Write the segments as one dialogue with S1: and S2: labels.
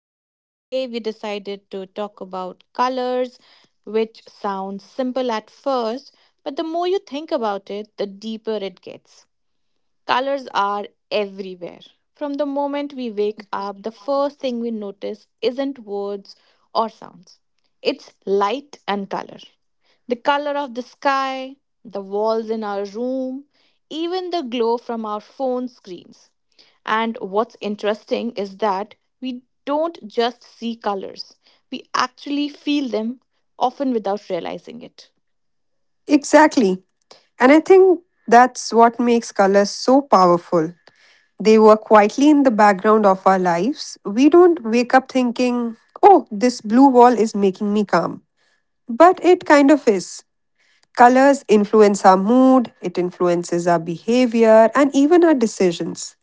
S1: So today we decided to talk about colors, which sounds simple at first, but the more you think about it, the deeper it gets. Colors are everywhere. From the moment we wake up, the first thing we notice isn't words or sounds, it's light and color. The color of the sky, the walls in our room, even the glow from our phone screens. And what's interesting is that we don't just see colors, we actually feel them, often without realizing it.
S2: Exactly. And I think that's what makes colors so powerful. They work quietly in the background of our lives. We don't wake up thinking, oh, this blue wall is making me calm. But it kind of is. Colors influence our mood, it influences our behavior, and even our decisions.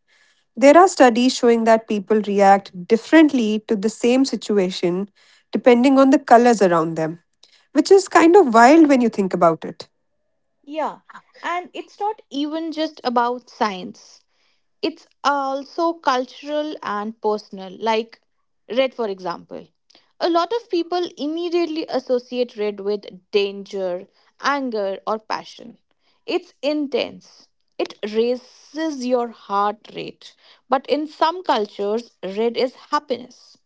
S2: There are studies showing that people react differently to the same situation depending on the colors around them, which is kind of wild when you think about it.
S1: Yeah, and it's not even just about science. It's also cultural and personal, like red, for example. A lot of people immediately associate red with danger, anger, or passion. It's intense. It raises your heart rate. But in some cultures, red is happiness.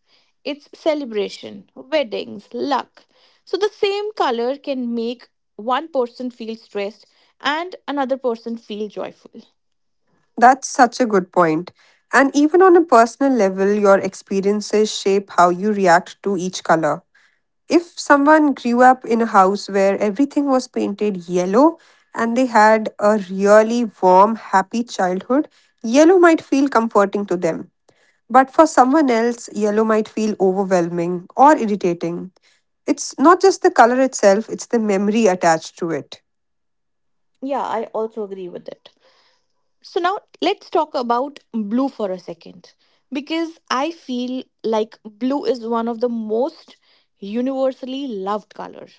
S1: It's celebration, weddings, luck. So the same color can make one person feel stressed and another person feel joyful.
S2: That's such a good point. And even on a personal level, your experiences shape how you react to each color. If someone grew up in a house where everything was painted yellow and they had a really warm, happy childhood, yellow might feel comforting to them. But for someone else, yellow might feel overwhelming or irritating. It's not just the color itself, it's the memory attached to it.
S1: Yeah, I also agree with it. So now let's talk about blue for a second because I feel like blue is one of the most universally loved colors.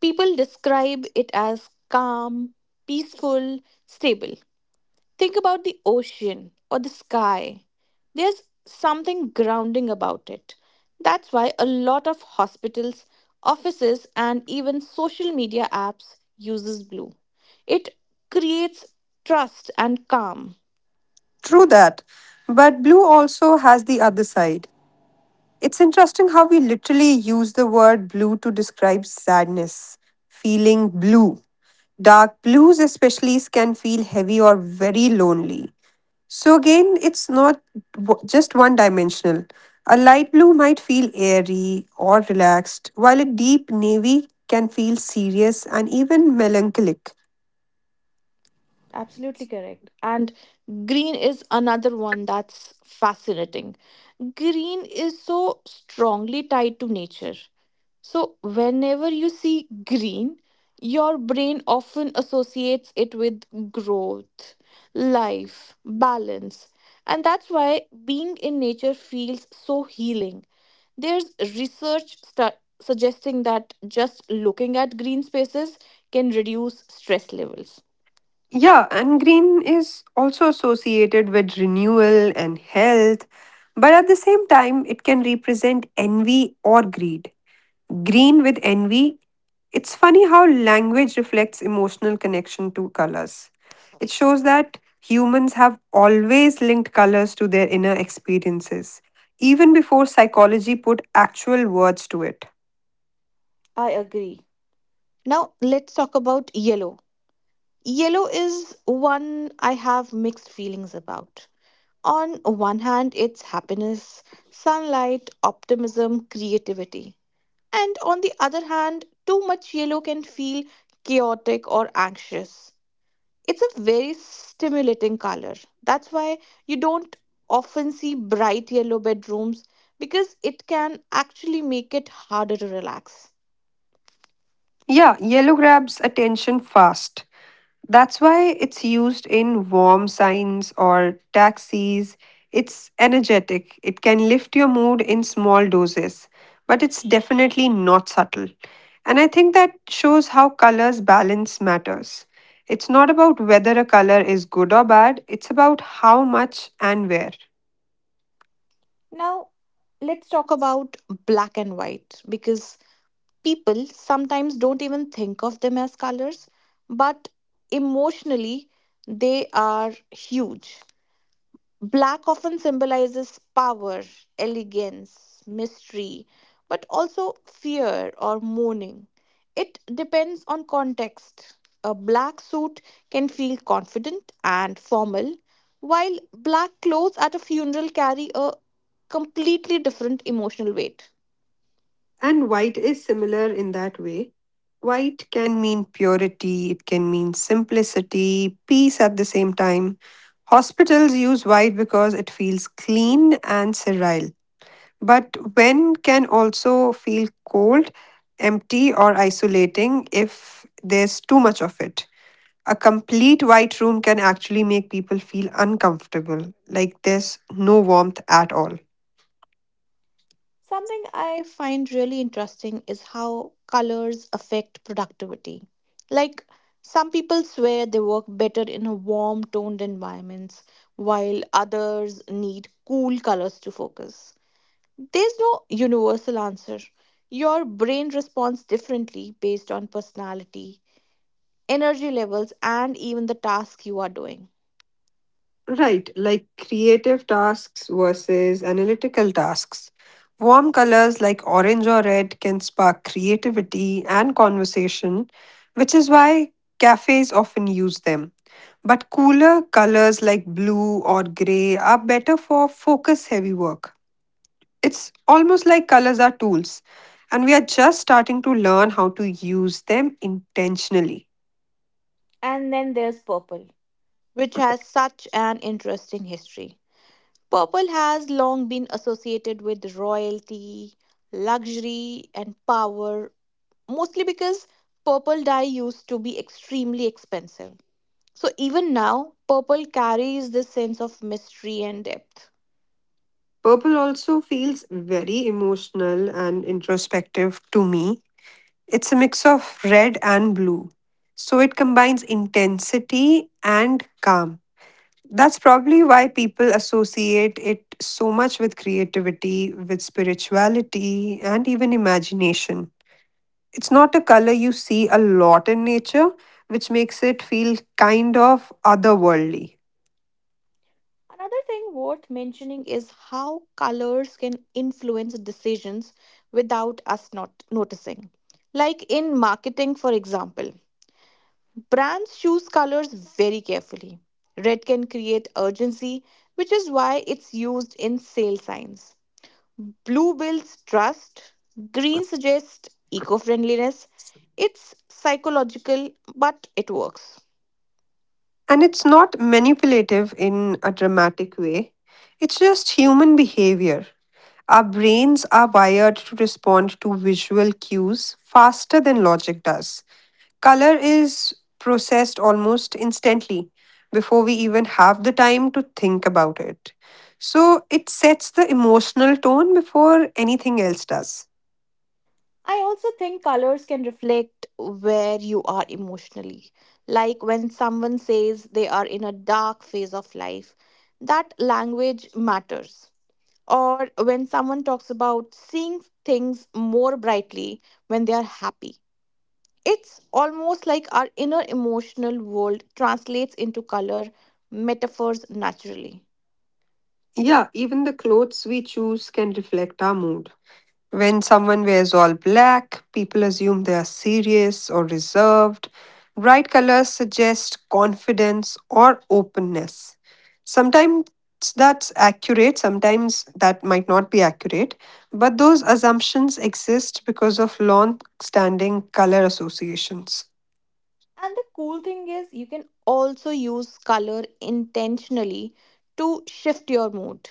S1: People describe it as calm, peaceful, stable. Think about the ocean or the sky. There's something grounding about it. That's why a lot of hospitals, offices, and even social media apps uses blue. It creates trust and calm.
S2: True that. But blue also has the other side. It's interesting how we literally use the word blue to describe sadness, feeling blue. Dark blues, especially, can feel heavy or very lonely. So, again, it's not just one dimensional. A light blue might feel airy or relaxed, while a deep navy can feel serious and even melancholic.
S1: Absolutely correct. And green is another one that's fascinating. Green is so strongly tied to nature. So, whenever you see green, your brain often associates it with growth, life, balance. And that's why being in nature feels so healing. There's research suggesting that just looking at green spaces can reduce stress levels.
S2: Yeah, and green is also associated with renewal and health, but at the same time, it can represent envy or greed. Green with envy, it's funny how language reflects emotional connection to colors. It shows that humans have always linked colors to their inner experiences, even before psychology put actual words to it.
S1: I agree. Now, let's talk about yellow. Yellow is one I have mixed feelings about. On one hand, it's happiness, sunlight, optimism, creativity. And on the other hand, too much yellow can feel chaotic or anxious. It's a very stimulating color. That's why you don't often see bright yellow bedrooms because it can actually make it harder to relax.
S2: Yeah, yellow grabs attention fast. That's why it's used in warm signs or taxis. It's energetic, it can lift your mood in small doses, but it's definitely not subtle. And I think that shows how colors balance matters. It's not about whether a color is good or bad, it's about how much and where.
S1: Now, let's talk about black and white because people sometimes don't even think of them as colors, but emotionally, they are huge. Black often symbolizes power, elegance, mystery, but also fear or mourning. It depends on context. A black suit can feel confident and formal, while black clothes at a funeral carry a completely different emotional weight.
S2: And white is similar in that way. White can mean purity, it can mean simplicity, peace at the same time. Hospitals use white because it feels clean and sterile. But when can also feel cold, empty, or isolating if there's too much of it. A complete white room can actually make people feel uncomfortable, like there's no warmth at all.
S1: Something I find really interesting is how colors affect productivity. Like, some people swear they work better in a warm toned environments, while others need cool colors to focus. There's no universal answer. Your brain responds differently based on personality, energy levels, and even the task you are doing.
S2: Right, like creative tasks versus analytical tasks. Warm colors like orange or red can spark creativity and conversation, which is why cafes often use them. But cooler colors like blue or gray are better for focus heavy work. It's almost like colors are tools, and we are just starting to learn how to use them intentionally.
S1: And then there's purple, which has such an interesting history. Purple has long been associated with royalty, luxury, and power, mostly because purple dye used to be extremely expensive. So, even now, purple carries this sense of mystery and depth.
S2: Purple also feels very emotional and introspective to me. It's a mix of red and blue. So it combines intensity and calm. That's probably why people associate it so much with creativity, with spirituality, and even imagination. It's not a color you see a lot in nature, which makes it feel kind of otherworldly.
S1: Another thing worth mentioning is how colors can influence decisions without us not noticing. Like in marketing, for example. Brands choose colors very carefully. Red can create urgency, which is why it's used in sale signs. Blue builds trust. Green suggests eco friendliness. It's psychological, but it works.
S2: And it's not manipulative in a dramatic way, it's just human behavior. Our brains are wired to respond to visual cues faster than logic does. Color is processed almost instantly before we even have the time to think about it. So it sets the emotional tone before anything else does.
S1: I also think colors can reflect where you are emotionally. Like when someone says they are in a dark phase of life, that language matters. Or when someone talks about seeing things more brightly when they are happy. It's almost like our inner emotional world translates into color metaphors naturally.
S2: Yeah, even the clothes we choose can reflect our mood. When someone wears all black, people assume they are serious or reserved. Bright colors suggest confidence or openness. Sometimes that's accurate, sometimes that might not be accurate, but those assumptions exist because of long standing color associations.
S1: And the cool thing is, you can also use color intentionally to shift your mood.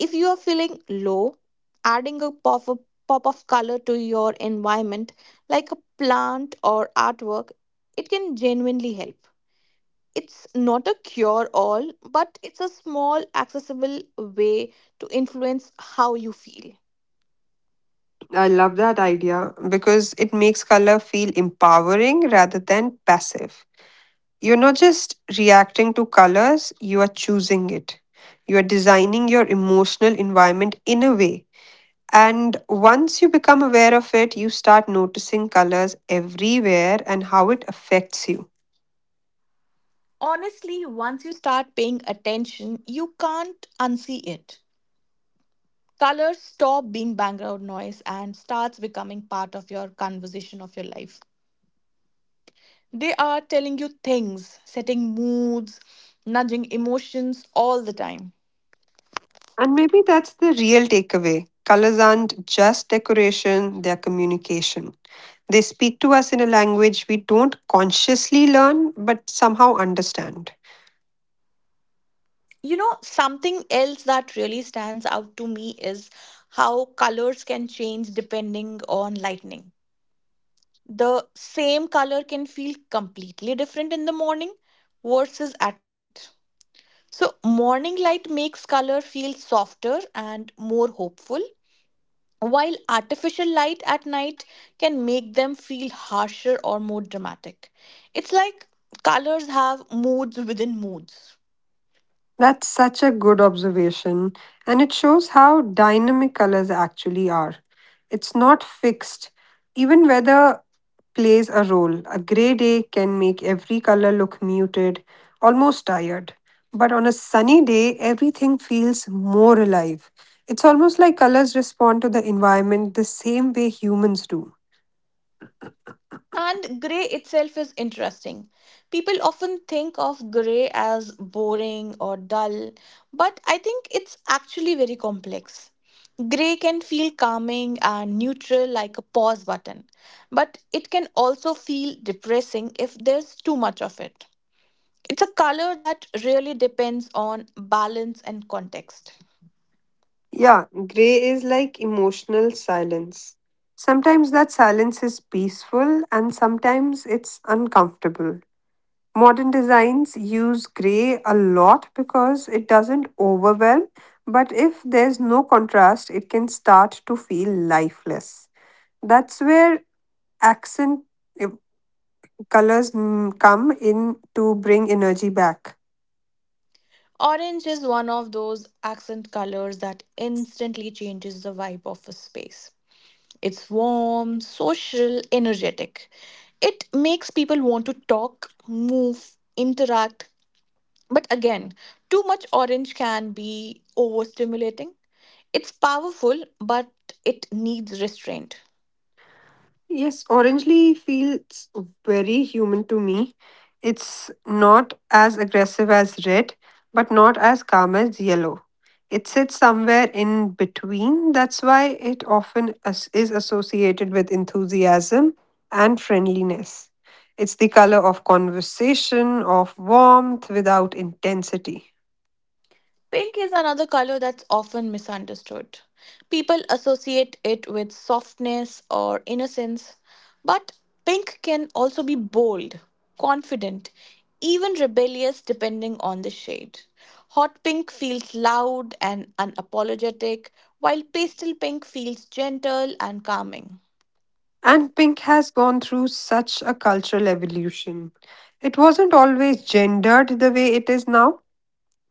S1: If you are feeling low, adding pop of color to your environment, like a plant or artwork, it can genuinely help. It's not a cure all, but it's a small, accessible way to influence how you feel.
S2: I love that idea because it makes color feel empowering rather than passive. You're not just reacting to colors, you are choosing it. You are designing your emotional environment in a way. And once you become aware of it, you start noticing colors everywhere and how it affects you.
S1: Honestly, once you start paying attention, you can't unsee it. Colors stop being background noise and starts becoming part of your conversation of your life. They are telling you things, setting moods, nudging emotions all the time.
S2: And maybe that's the real takeaway. Colors aren't just decoration, they're communication. They speak to us in a language we don't consciously learn but somehow understand.
S1: Something else that really stands out to me is how colors can change depending on lightning. The same color can feel completely different in the morning versus at night. So, morning light makes color feel softer and more hopeful, while artificial light at night can make them feel harsher or more dramatic. It's like colors have moods within moods.
S2: That's such a good observation, and it shows how dynamic colors actually are. It's not fixed. Even weather plays a role. A gray day can make every color look muted, almost tired. But on a sunny day, everything feels more alive. It's almost like colors respond to the environment the same way humans do.
S1: And grey itself is interesting. People often think of grey as boring or dull, but I think it's actually very complex. Grey can feel calming and neutral like a pause button, but it can also feel depressing if there's too much of it. It's a color that really depends on balance and context.
S2: Yeah, gray is like emotional silence. Sometimes that silence is peaceful and sometimes it's uncomfortable. Modern designs use gray a lot because it doesn't overwhelm, but if there's no contrast, it can start to feel lifeless. That's where accent eh, colors come in to bring energy back.
S1: Orange is one of those accent colors that instantly changes the vibe of a space. It's warm, social, energetic. It makes people want to talk, move, interact. But again, too much orange can be overstimulating. It's powerful, but it needs restraint.
S2: Yes, Orangely feels very human to me. It's not as aggressive as red, but not as calm as yellow. It sits somewhere in between. That's why it often is associated with enthusiasm and friendliness. It's the color of conversation, of warmth without intensity.
S1: Pink is another color that's often misunderstood. People associate it with softness or innocence, but pink can also be bold, confident, even rebellious depending on the shade. Hot pink feels loud and unapologetic, while pastel pink feels gentle and calming.
S2: And pink has gone through such a cultural evolution. It wasn't always gendered the way it is now,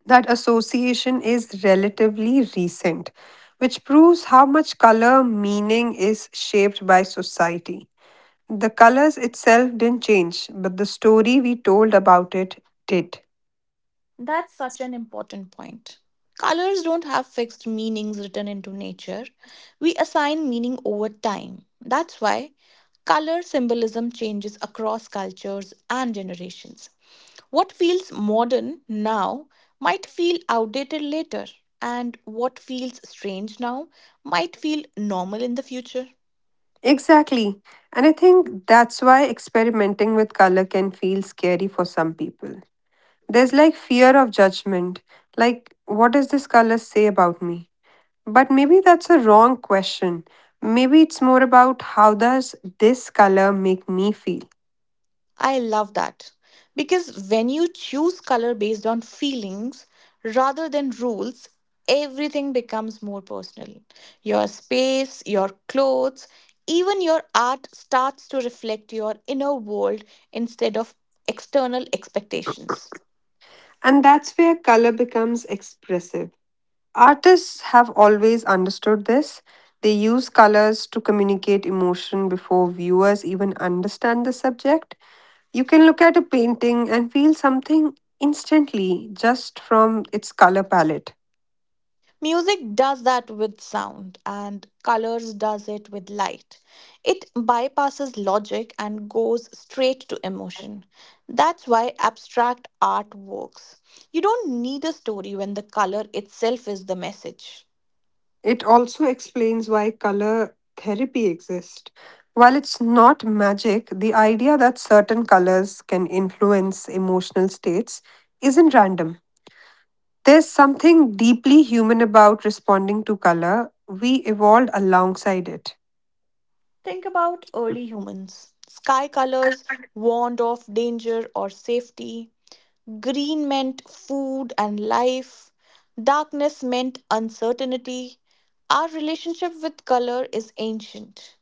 S2: that association is relatively recent, which proves how much color meaning is shaped by society. The colors itself didn't change, but the story we told about it did.
S1: That's such an important point. Colors don't have fixed meanings written into nature. We assign meaning over time. That's why color symbolism changes across cultures and generations. What feels modern now might feel outdated later, and what feels strange now might feel normal in the future.
S2: Exactly. And I think that's why experimenting with color can feel scary for some people. There's like fear of judgment. Like, what does this color say about me? But maybe that's a wrong question. Maybe it's more about how does this color make me feel?
S1: I love that. Because when you choose color based on feelings rather than rules, everything becomes more personal. Your space, your clothes, even your art starts to reflect your inner world instead of external expectations.
S2: And that's where color becomes expressive. Artists have always understood this. They use colors to communicate emotion before viewers even understand the subject. You can look at a painting and feel something instantly just from its color palette.
S1: Music does that with sound, and colors does it with light. It bypasses logic and goes straight to emotion. That's why abstract art works. You don't need a story when the color itself is the message.
S2: It also explains why color therapy exists. While it's not magic, the idea that certain colors can influence emotional states isn't random. There's something deeply human about responding to color. We evolved alongside it.
S1: Think about early humans. Sky colors warned of danger or safety. Green meant food and life. Darkness meant uncertainty. Our relationship with color is ancient.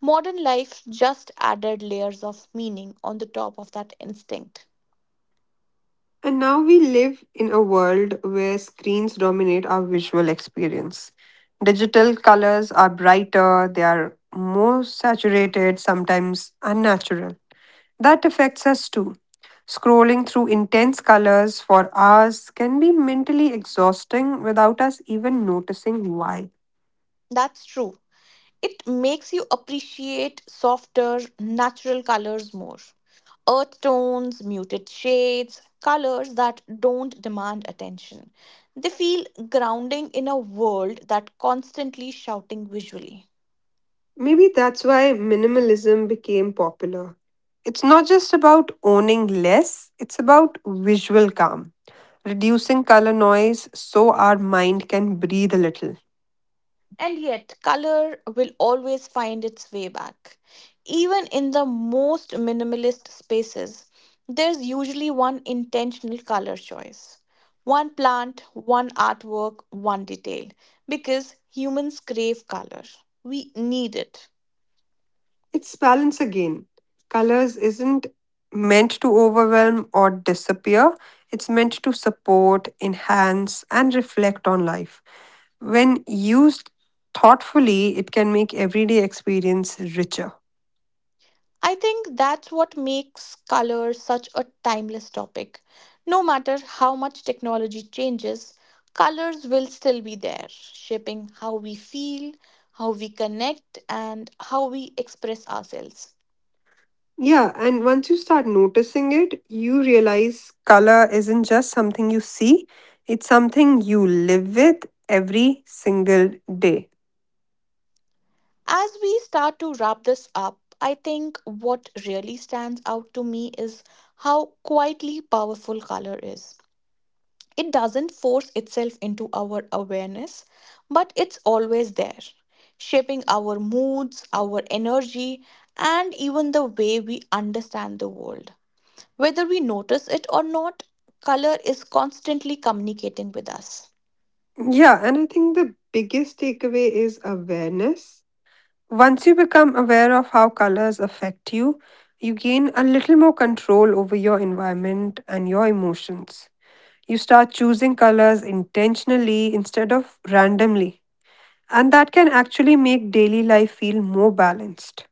S1: Modern life just added layers of meaning on the top of that instinct.
S2: And now we live in a world where screens dominate our visual experience. Digital colors are brighter, they are more saturated, sometimes unnatural. That affects us too. Scrolling through intense colors for hours can be mentally exhausting without us even noticing why.
S1: That's true. It makes you appreciate softer, natural colors more. Earth tones, muted shades, colors that don't demand attention. They feel grounding in a world that constantly shouting visually.
S2: Maybe that's why minimalism became popular. It's not just about owning less, it's about visual calm, reducing color noise so our mind can breathe a little.
S1: And yet, color will always find its way back. Even in the most minimalist spaces, there's usually one intentional color choice one plant, one artwork, one detail. Because humans crave color, we need it.
S2: It's balance again. Colors isn't meant to overwhelm or disappear, it's meant to support, enhance, and reflect on life. When used thoughtfully, it can make everyday experience richer.
S1: I think that's what makes color such a timeless topic. No matter how much technology changes, colors will still be there, shaping how we feel, how we connect, and how we express ourselves.
S2: Yeah, and once you start noticing it, you realize color isn't just something you see, it's something you live with every single day.
S1: As we start to wrap this up, I think what really stands out to me is how quietly powerful color is. It doesn't force itself into our awareness, but it's always there, shaping our moods, our energy, and even the way we understand the world. Whether we notice it or not, color is constantly communicating with us.
S2: Yeah, and I think the biggest takeaway is awareness. Once you become aware of how colors affect you, you gain a little more control over your environment and your emotions. You start choosing colors intentionally instead of randomly, and that can actually make daily life feel more balanced.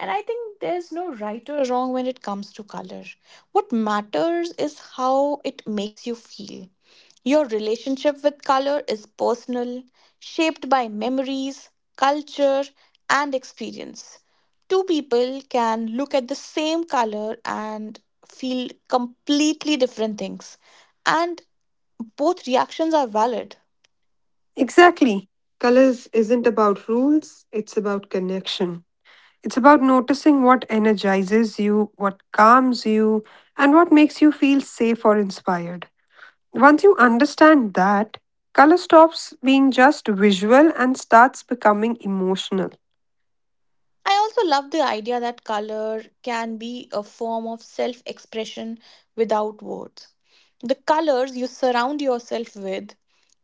S1: And I think there's no right or wrong when it comes to color. What matters is how it makes you feel. Your relationship with color is personal, shaped by memories, culture, and experience. Two people can look at the same color and feel completely different things, and both reactions are valid.
S2: Exactly. Colors isn't about rules, it's about connection. It's about noticing what energizes you, what calms you, and what makes you feel safe or inspired. Once you understand that, color stops being just visual and starts becoming emotional.
S1: I also love the idea that color can be a form of self expression without words. The colors you surround yourself with,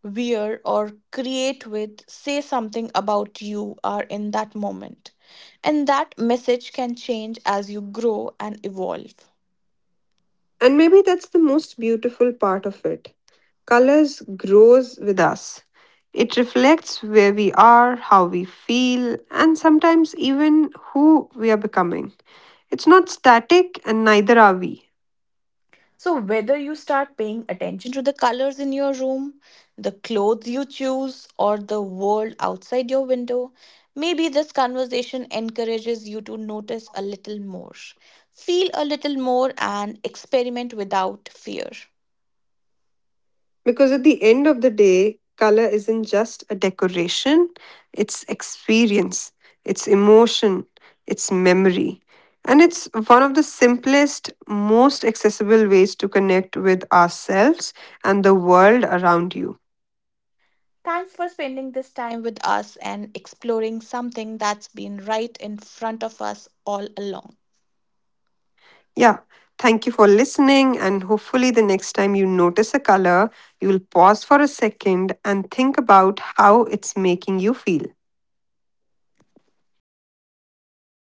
S1: wear, or create with say something about you are in that moment. And that message can change as you grow and evolve.
S2: And maybe that's the most beautiful part of it. Colors grows with us. It reflects where we are, how we feel, and sometimes even who we are becoming. It's not static and neither are we.
S1: So, whether you start paying attention to the colors in your room, the clothes you choose, or the world outside your window, maybe this conversation encourages you to notice a little more, feel a little more, and experiment without fear.
S2: Because at the end of the day, color isn't just a decoration, it's experience, it's emotion, it's memory. And it's one of the simplest, most accessible ways to connect with ourselves and the world around you.
S1: Thanks for spending this time with us and exploring something that's been right in front of us all along.
S2: Yeah. Thank you for listening. And hopefully, the next time you notice a color, you'll pause for a second and think about how it's making you feel.